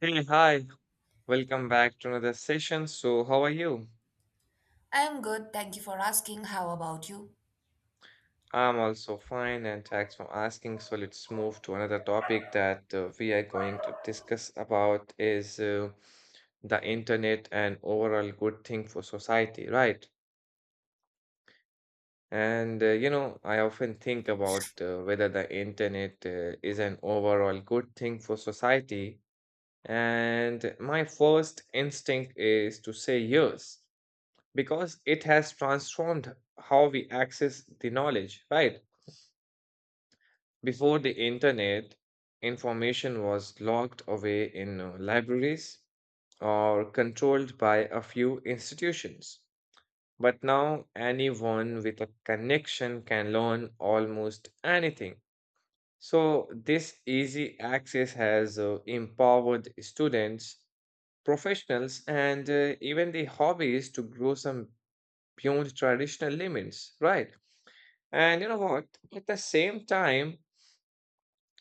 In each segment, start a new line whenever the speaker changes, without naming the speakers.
Hey, hi. Welcome back to another session. So, how are you?
I'm good. Thank you for asking. How about you?
I'm also fine, and thanks for asking. So, let's move to another topic that we are going to discuss about is the internet and overall good thing for society, right? I often think about whether the internet is an overall good thing for society, and my first instinct is to say yes because it has transformed how we access the knowledge, right? Before the internet, information was locked away in libraries or controlled by a few institutions. But now, anyone with a connection can learn almost anything. So, this easy access has empowered students, professionals, and even the hobbies to grow some beyond traditional limits, right? And you know what? At the same time,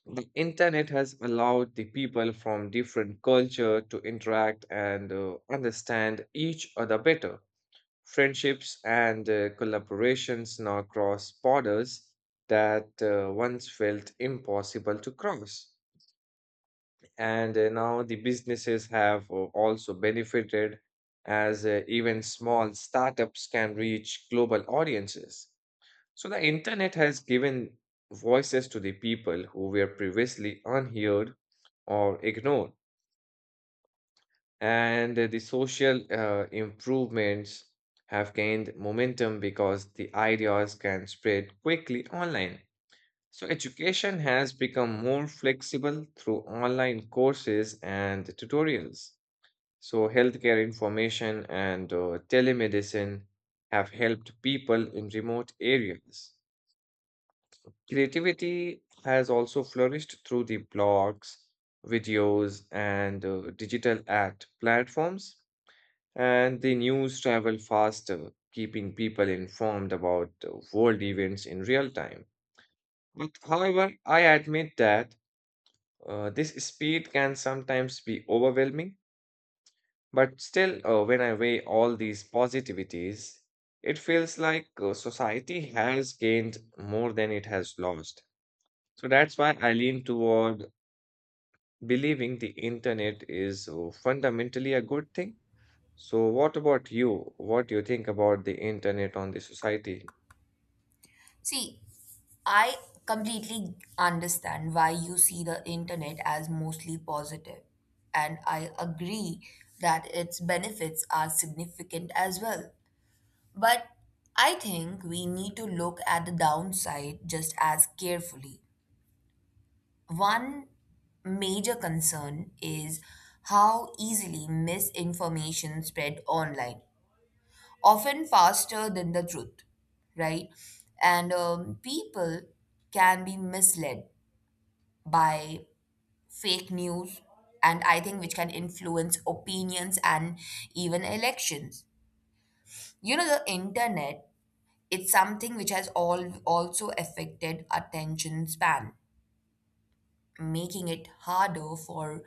the internet has allowed the people from different culture to interact and understand each other better. Friendships and collaborations now cross borders that once felt impossible to cross. And Now the businesses have also benefited as even small startups can reach global audiences. So the internet has given voices to the people who were previously unheard or ignored, and the social improvements have gained momentum because the ideas can spread quickly online. So education has become more flexible through online courses and tutorials. So healthcare information and telemedicine have helped people in remote areas. Creativity has also flourished through the blogs, videos, and digital art platforms. And the news travel faster, keeping people informed about world events in real time. But however, I admit that this speed can sometimes be overwhelming. But still, when I weigh all these positivities, it feels like society has gained more than it has lost. So that's why I lean toward believing the internet is fundamentally a good thing. So, what about you? What do you think about the internet on the society?
See, I completely understand why you see the internet as mostly positive, and I agree that its benefits are significant as well. But I think we need to look at the downside just as carefully. One major concern is how easily misinformation spread online, often faster than the truth, right? And people can be misled by fake news, and I think which can influence opinions and even elections. You know, the internet, it's something which has all also affected attention span, making it harder for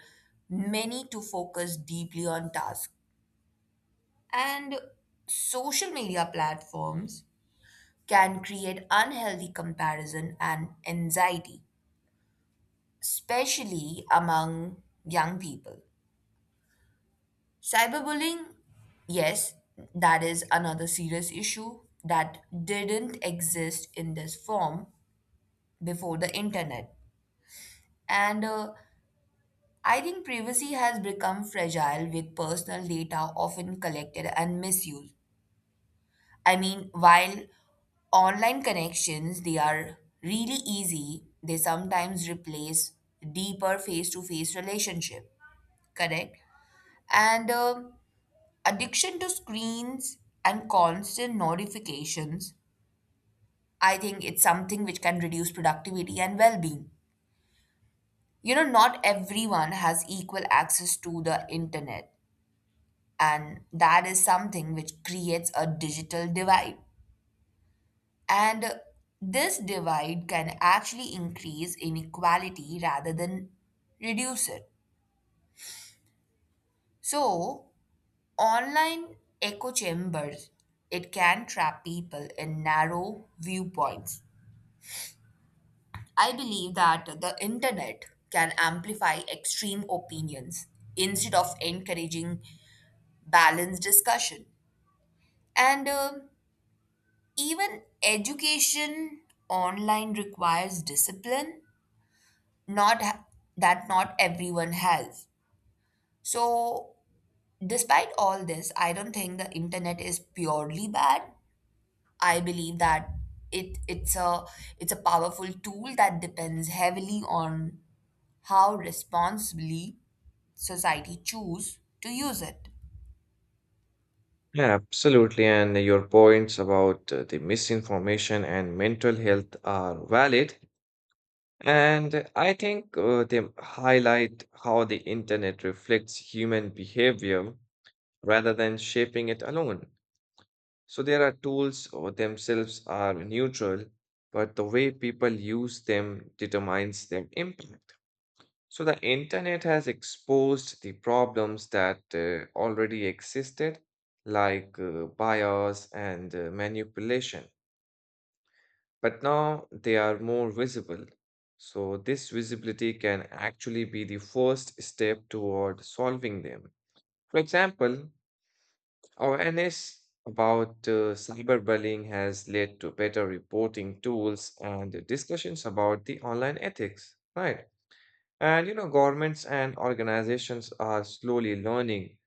many to focus deeply on tasks. And social media platforms can create unhealthy comparison and anxiety, especially among young people. Cyberbullying, yes, that is another serious issue that didn't exist in this form before the internet. And I think privacy has become fragile with personal data often collected and misused. I mean, while online connections they are really easy, they sometimes replace deeper face-to-face relationship. Correct? And addiction to screens and constant notifications, I think it's something which can reduce productivity and well-being. You know, not everyone has equal access to the internet, and that is something which creates a digital divide. And this divide can actually increase inequality rather than reduce it. So, online echo chambers, it can trap people in narrow viewpoints. I believe that the internet can amplify extreme opinions instead of encouraging balanced discussion. And even education online requires discipline not ha- that not everyone has. So, despite all this, I don't think the internet is purely bad. I believe that it's a it's a powerful tool that depends heavily on how responsibly society choose to use it.
Yeah, absolutely. And your points about the misinformation and mental health are valid. And I think they highlight how the internet reflects human behavior rather than shaping it alone. So there are tools or themselves are neutral, but the way people use them determines their impact. So the internet has exposed the problems that already existed, like bias and manipulation, but now they are more visible. So this visibility can actually be the first step toward solving them. For example, awareness about cyberbullying has led to better reporting tools and discussions about the online ethics, right? And you know, governments and organizations are slowly learning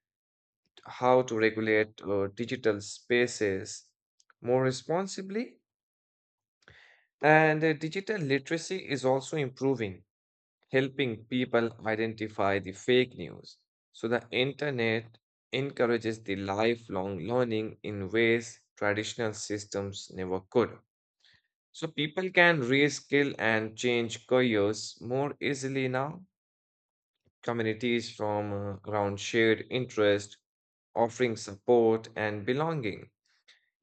how to regulate digital spaces more responsibly. And digital literacy is also improving, helping people identify the fake news. So the internet encourages the lifelong learning in ways traditional systems never could. So people can reskill and change careers more easily now. Communities from around shared interest, offering support and belonging.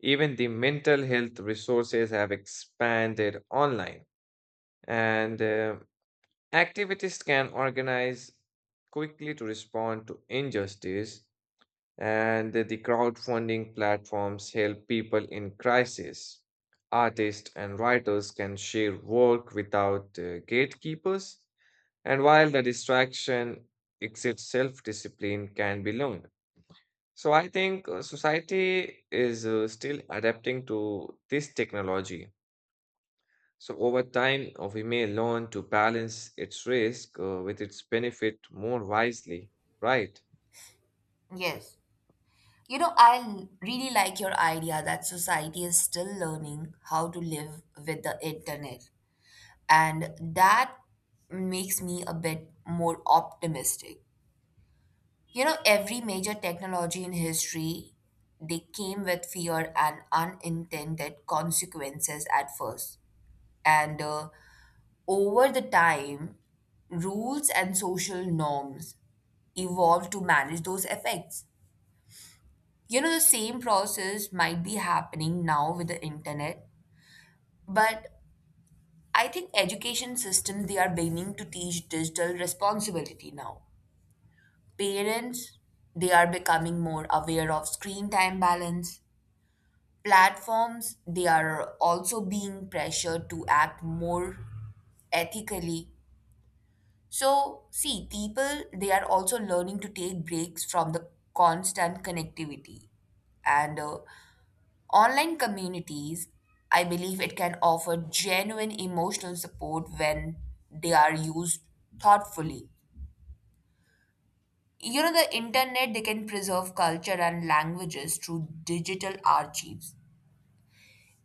Even the mental health resources have expanded online, and activities can organize quickly to respond to injustice, and the crowdfunding platforms help people in crisis. Artists and writers can share work without gatekeepers, and while the distraction exits, self discipline can be learned. So I think society is still adapting to this technology. So over time, we may learn to balance its risk with its benefit more wisely, right?
Yes. You know, I really like your idea that society is still learning how to live with the internet. And that makes me a bit more optimistic. You know, every major technology in history, they came with fear and unintended consequences at first. And Over the time, rules and social norms evolved to manage those effects. You know, the same process might be happening now with the internet, but I think education systems they are beginning to teach digital responsibility now. Parents, they are becoming more aware of screen time balance. Platforms they are also being pressured to act more ethically, so see people they are also learning to take breaks from the constant connectivity, and online communities I believe it can offer genuine emotional support when they are used thoughtfully. You know, the internet they can preserve culture and languages through digital archives.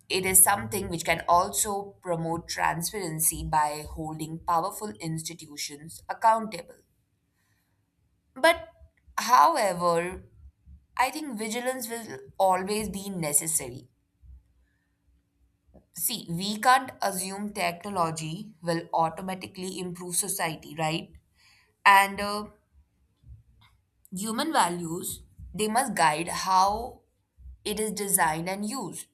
It is something which can also promote transparency by holding powerful institutions accountable. But, however, I think vigilance will always be necessary. See, we can't assume technology will automatically improve society, right? And Human values, they must guide how it is designed and used.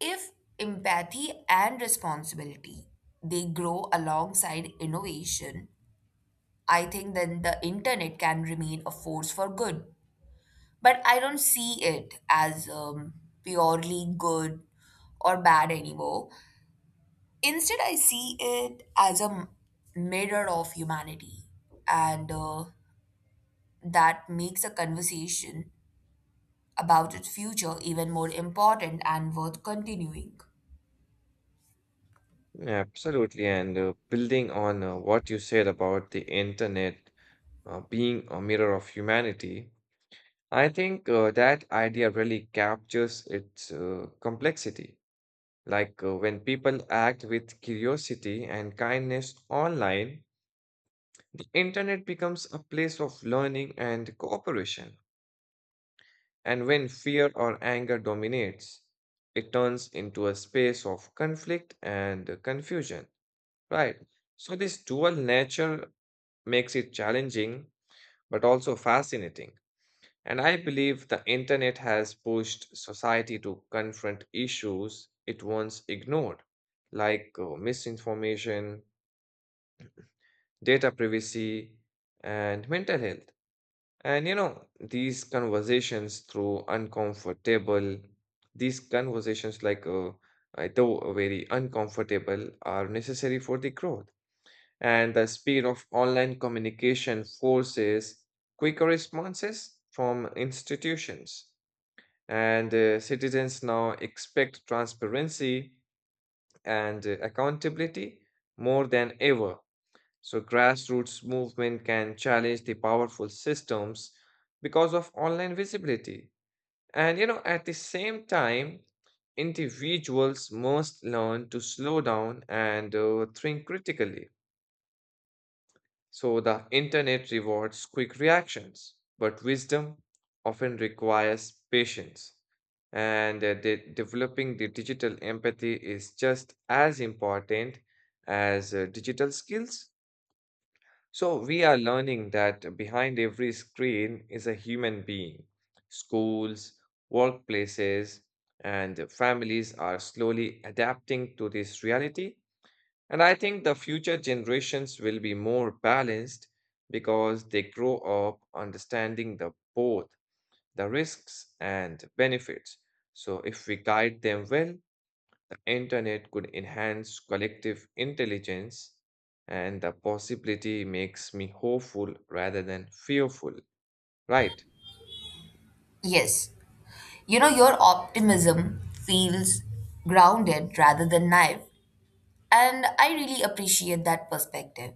If empathy and responsibility they grow alongside innovation, I think then the internet can remain a force for good. But I don't see it as purely good or bad anymore. Instead, I see it as a mirror of humanity, and that makes a conversation about its future even more important and worth continuing.
Yeah, absolutely. And building on what you said about the internet being a mirror of humanity, I think that idea really captures its complexity. Like when people act with curiosity and kindness online, the internet becomes a place of learning and cooperation. And when fear or anger dominates, it turns into a space of conflict and confusion, right? So, this dual nature makes it challenging but also fascinating. And I believe the internet has pushed society to confront issues it once ignored, like misinformation, data privacy, and mental health. And you know, these conversations through uncomfortable, these conversations like though very uncomfortable are necessary for the growth. And the speed of online communication forces quicker responses from institutions. And citizens now expect transparency and accountability more than ever. So, grassroots movement can challenge the powerful systems because of online visibility. And you know, at the same time, individuals must learn to slow down and think critically. So, the internet rewards quick reactions, but wisdom often requires patience. Developing the digital empathy is just as important as digital skills. So we are learning that behind every screen is a human being. Schools, workplaces, and families are slowly adapting to this reality. And I think the future generations will be more balanced because they grow up understanding the both the risks and benefits. So if we guide them well, internet could enhance collective intelligence, and the possibility makes me hopeful rather than fearful, right?
Yes. You know, your optimism feels grounded rather than naive. And I really appreciate that perspective.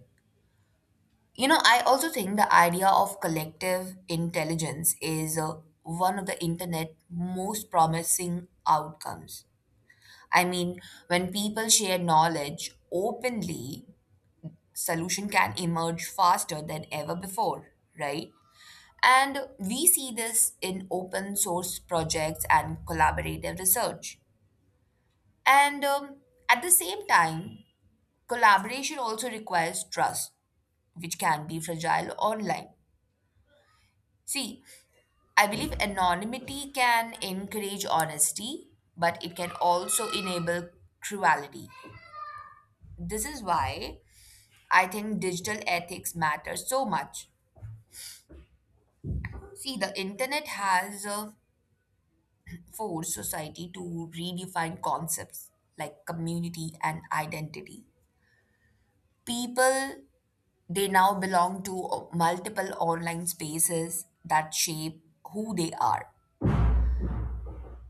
You know, I also think the idea of collective intelligence is one of the internet most promising outcomes. I mean, when people share knowledge openly, solution can emerge faster than ever before, right? And we see this in open source projects and collaborative research. And At the same time, collaboration also requires trust, which can be fragile online. See, I believe anonymity can encourage honesty, but it can also enable cruelty. This is why I think digital ethics matters so much. See, the internet has forced society to redefine concepts like community and identity. People they now belong to multiple online spaces that shape who they are.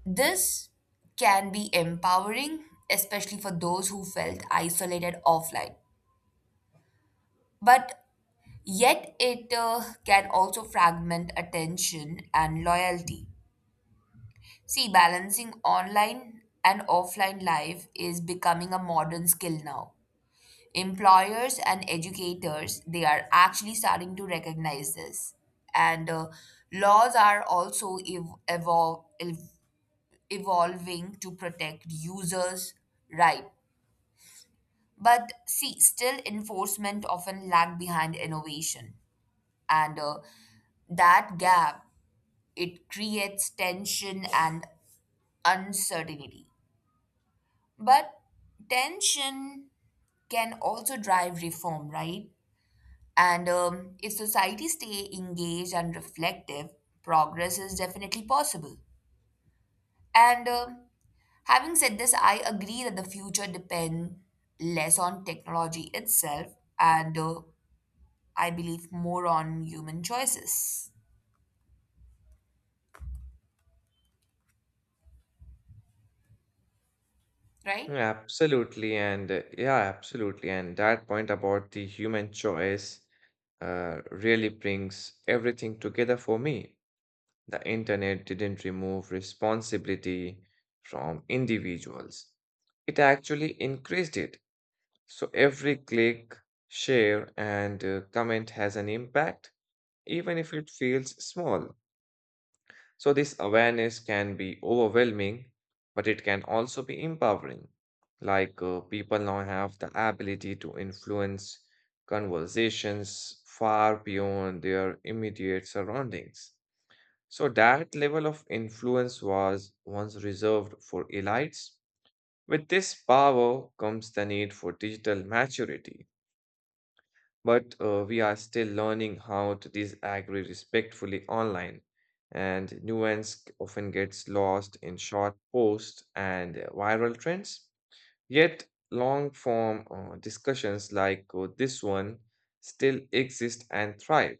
This can be empowering, especially for those who felt isolated offline. But yet, it can also fragment attention and loyalty. See, balancing online and offline life is becoming a modern skill now. Employers and educators they are actually starting to recognize this, and laws are also evolving to protect users, right? But see, still enforcement often lag behind innovation, and that gap it creates tension and uncertainty, but tension can also drive reform, right? And If society stay engaged and reflective, progress is definitely possible. And Having said this, I agree that the future depends less on technology itself, and I believe more on human choices, right?
Absolutely, and yeah absolutely, and that point about the human choice really brings everything together for me. The internet didn't remove responsibility from individuals, it actually increased it. So every click, share, and comment has an impact, even if it feels small. So, this awareness can be overwhelming, but it can also be empowering. Like, people now have the ability to influence conversations far beyond their immediate surroundings. So, that level of influence was once reserved for elites. With this power comes the need for digital maturity. But we are still learning how to disagree respectfully online, and nuance often gets lost in short posts and viral trends. Yet, long form discussions like this one still exist and thrive.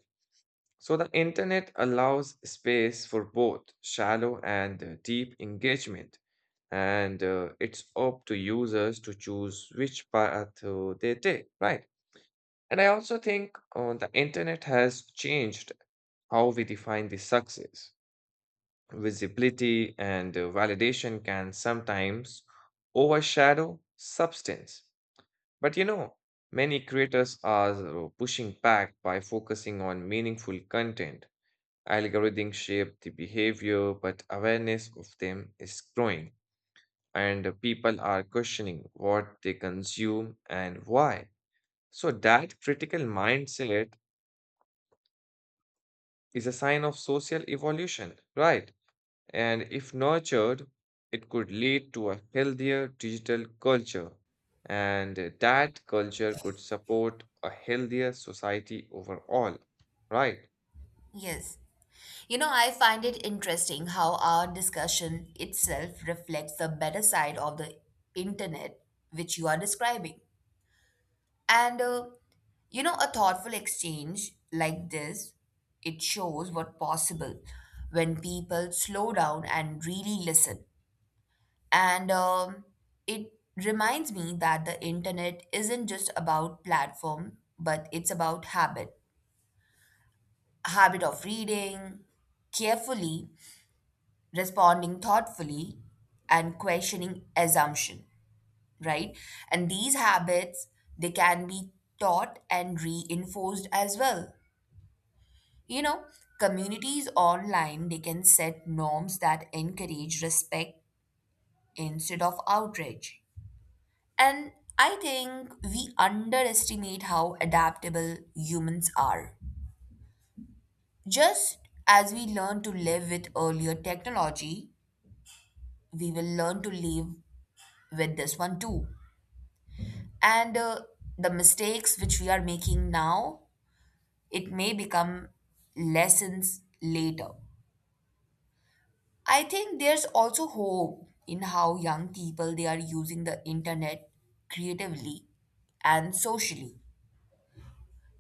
So, the internet allows space for both shallow and deep engagement, and it's up to users to choose which path they take, right? And I also think the internet has changed how we define the success. Visibility and validation can sometimes overshadow substance. But you know, many creators are pushing back by focusing on meaningful content. Algorithms shape the behavior, but awareness of them is growing, and people are questioning what they consume and why. So, that critical mindset is a sign of social evolution, right? And if nurtured, it could lead to a healthier digital culture. And that culture could support a healthier society overall, right?
Yes. You know, I find it interesting how our discussion itself reflects the better side of the internet which you are describing. And You know, a thoughtful exchange like this, it shows what possible when people slow down and really listen. And It reminds me that the internet isn't just about platform, but it's about habit. Habit of reading carefully, responding thoughtfully, and questioning assumption, right? And these habits, they can be taught and reinforced as well. You know, communities online, they can set norms that encourage respect instead of outrage. And I think we underestimate how adaptable humans are. Just as we learned to live with earlier technology, we will learn to live with this one too. And The mistakes which we are making now, it may become lessons later. I think there's also hope in how young people they are using the internet creatively and socially.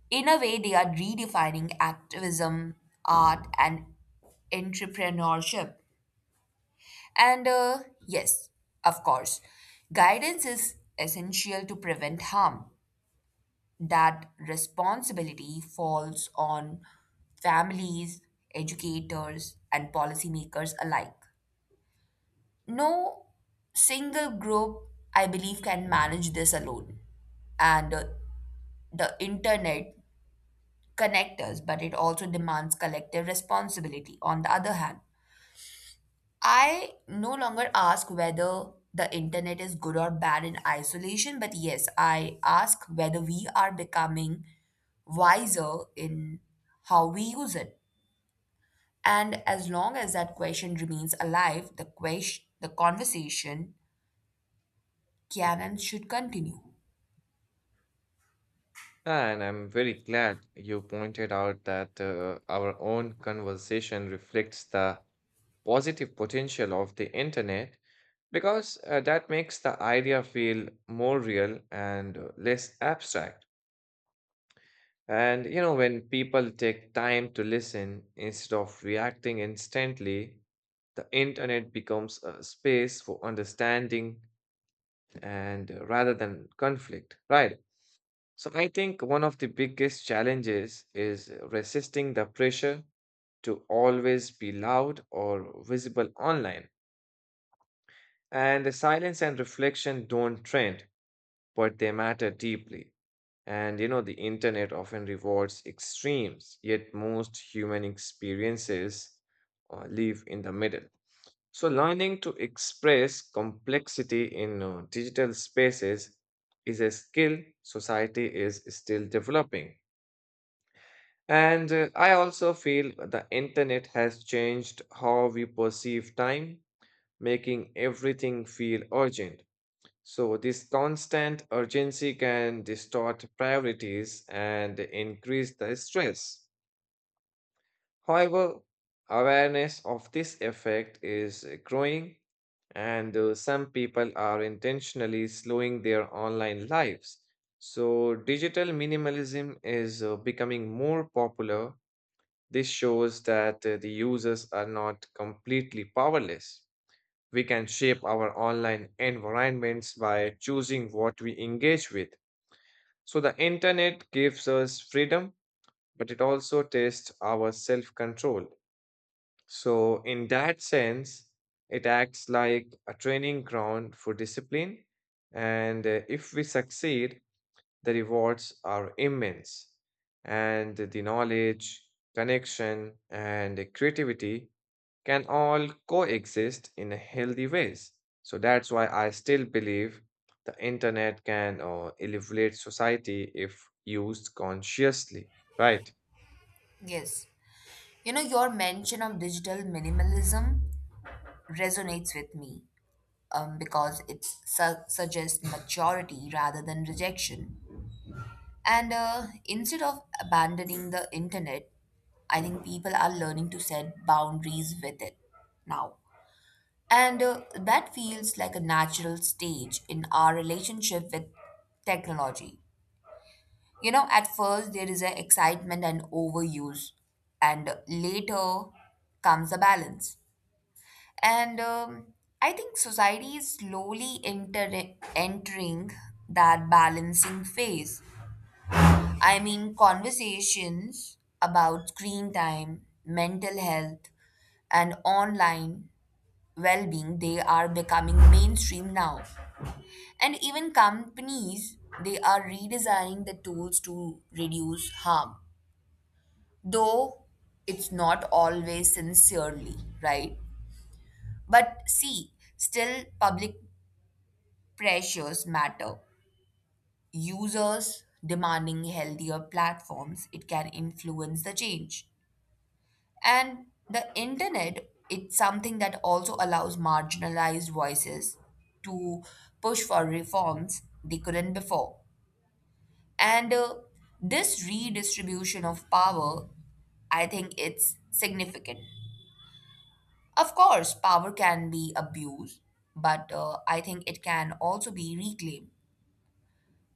In a way, they are redefining activism, art, and entrepreneurship. And yes, of course, guidance is essential to prevent harm. That responsibility falls on families, educators, and policymakers alike. No single group, I believe, can manage this alone. And the internet connects us, but it also demands collective responsibility. On the other hand, I no longer ask whether the internet is good or bad in isolation, but yes, I ask whether we are becoming wiser in how we use it. And as long as that question remains alive, the question, the conversation can and should continue.
And I'm very glad you pointed out that our own conversation reflects the positive potential of the internet, because that makes the idea feel more real and less abstract. And you know, when people take time to listen instead of reacting instantly, the internet becomes a space for understanding and rather than conflict, right? So I think one of the biggest challenges is resisting the pressure to always be loud or visible online. And the silence and reflection don't trend, but they matter deeply. And you know, the internet often rewards extremes, yet most human experiences live in the middle. So, learning to express complexity in digital spaces is a skill society is still developing. And I also feel the internet has changed how we perceive time, making everything feel urgent. So, this constant urgency can distort priorities and increase the stress. However, awareness of this effect is growing, and some people are intentionally slowing their online lives. So, digital minimalism is becoming more popular. This shows that the users are not completely powerless. We can shape our online environments by choosing what we engage with. So the internet gives us freedom, but it also tests our self control. So, in that sense, it acts like a training ground for discipline. And if we succeed, the rewards are immense. And the knowledge, connection, and creativity can all coexist in a healthy ways. So that's why I still believe the internet can elevate society if used consciously, right?
Yes. You know, your mention of digital minimalism resonates with me because it suggests maturity rather than rejection. And instead of abandoning the internet, I think people are learning to set boundaries with it now. And that feels like a natural stage in our relationship with technology. You know, at first there is an excitement and overuse, and later comes a balance. And I think society is slowly entering that balancing phase. I mean, conversations about screen time, mental health, and online well being, they are becoming mainstream now. And even companies, they are redesigning the tools to reduce harm, though it's not always sincerely, right? But see, still public pressures matter. Users demanding healthier platforms, it can influence the change. And the internet, it's something that also allows marginalized voices to push for reforms they couldn't before. And this redistribution of power, I think it's significant. Of course, power can be abused, but I think it can also be reclaimed.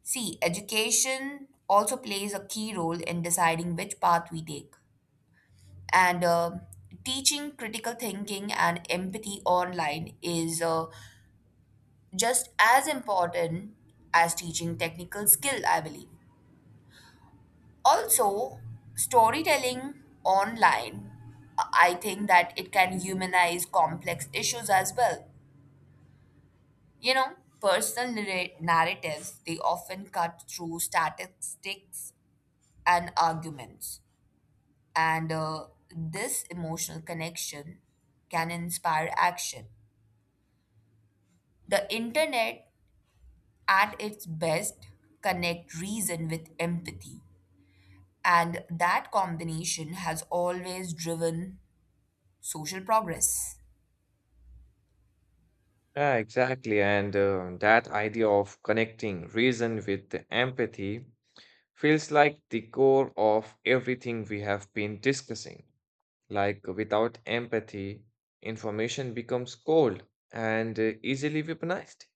See, education also plays a key role in deciding which path we take. And teaching critical thinking and empathy online is just as important as teaching technical skill, I believe. Also, storytelling online, I think that it can humanize complex issues as well. You know, personal narratives, they often cut through statistics and arguments. And this emotional connection can inspire action. The internet, at its best, connect reason with empathy. And that combination has always driven social progress.
Yeah, exactly. And that idea of connecting reason with the empathy feels like the core of everything we have been discussing. Like without empathy, information becomes cold and easily weaponized.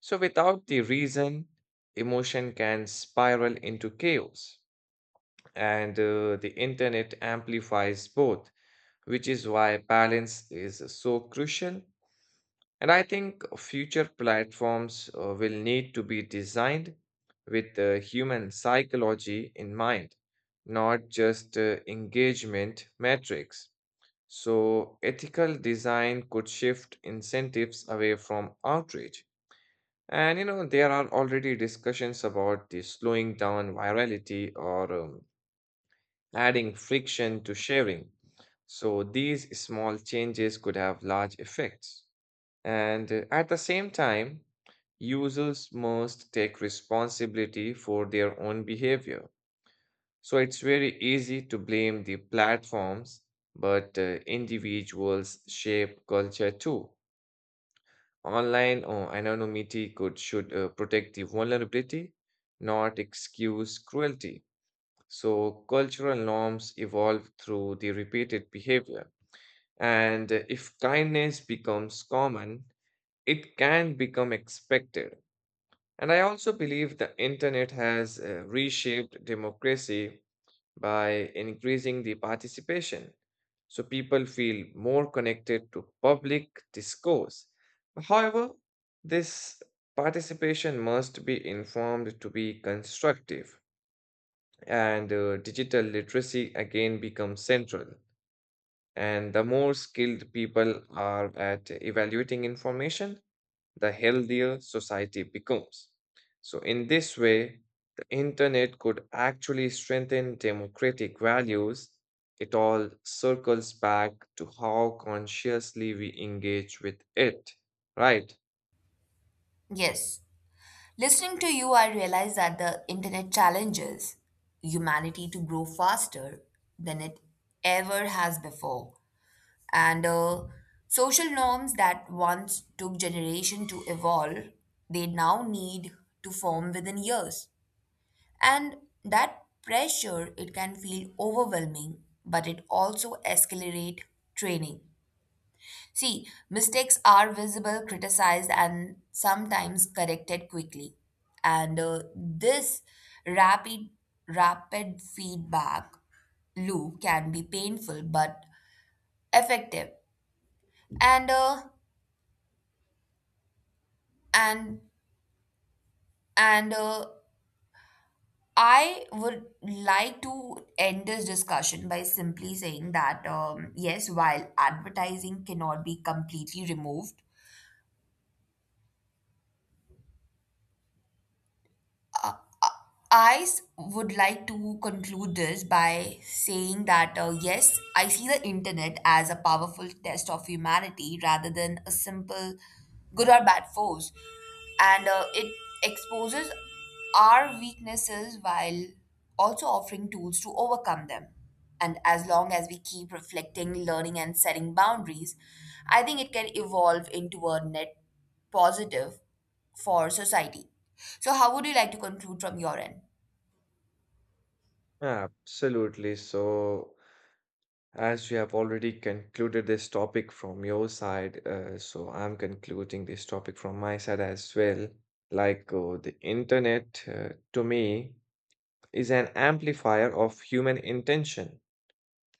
So, without the reason, emotion can spiral into chaos, and the internet amplifies both, which is why balance is so crucial. And I think future platforms will need to be designed with human psychology in mind, not just engagement metrics. So, ethical design could shift incentives away from outrage. And you know, there are already discussions about the slowing down virality, or adding friction to sharing. So these small changes could have large effects. And at the same time, users must take responsibility for their own behavior. So it's very easy to blame the platforms, but individuals shape culture too. Online anonymity could should protect the vulnerability, not excuse cruelty. So cultural norms evolve through the repeated behavior. And if kindness becomes common, it can become expected. And I also believe the internet has reshaped democracy by increasing the participation, so people feel more connected to public discourse. However, this participation must be informed to be constructive, and digital literacy again becomes central. And the more skilled people are at evaluating information, the healthier society becomes. So, in this way, the internet could actually strengthen democratic values. It all circles back to how consciously we engage with it, right?
Yes. Listening to you, I realize that the internet challenges humanity to grow faster than it ever has before. And social norms that once took generation to evolve, they now need to form within years. And that pressure, it can feel overwhelming, but it also accelerate training. See, mistakes are visible, criticized, and sometimes corrected quickly. And this rapid, rapid feedback loop can be painful but effective. And uh, and and I would like to end this discussion by simply saying that yes, while advertising cannot be completely removed. Would like to conclude this by saying that yes, I see the internet as a powerful test of humanity rather than a simple good or bad force, and it exposes our weaknesses while also offering tools to overcome them. And as long as we keep reflecting, learning, and setting boundaries, I think it can evolve into a net positive for society. So, how would you like to conclude from your end?
Absolutely. So, as you have already concluded this topic from your side, so I'm concluding this topic from my side as well. Like the internet, to me, is an amplifier of human intention,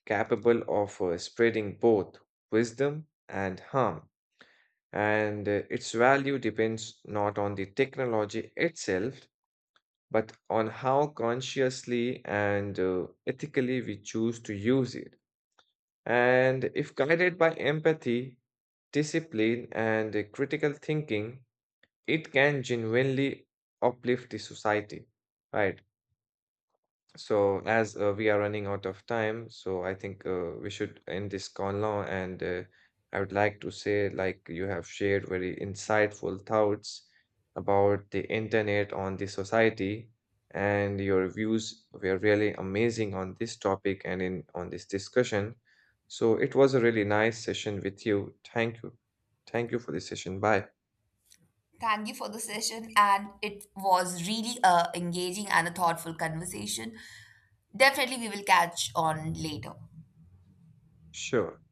capable of spreading both wisdom and harm. And its value depends not on the technology itself, but on how consciously and ethically we choose to use it. And if guided by empathy, discipline, and critical thinking, it can genuinely uplift the society, right? So, as we are running out of time, so I think we should end this call now. And I would like to say, like, you have shared very insightful thoughts about the internet on the society, and your views were really amazing on this topic and in on this discussion. So, it was a really nice session with you. Thank you. Thank you for this session. Bye.
Thank you for the session, and it was really a engaging and a thoughtful conversation. Definitely, we will catch on later.
Sure.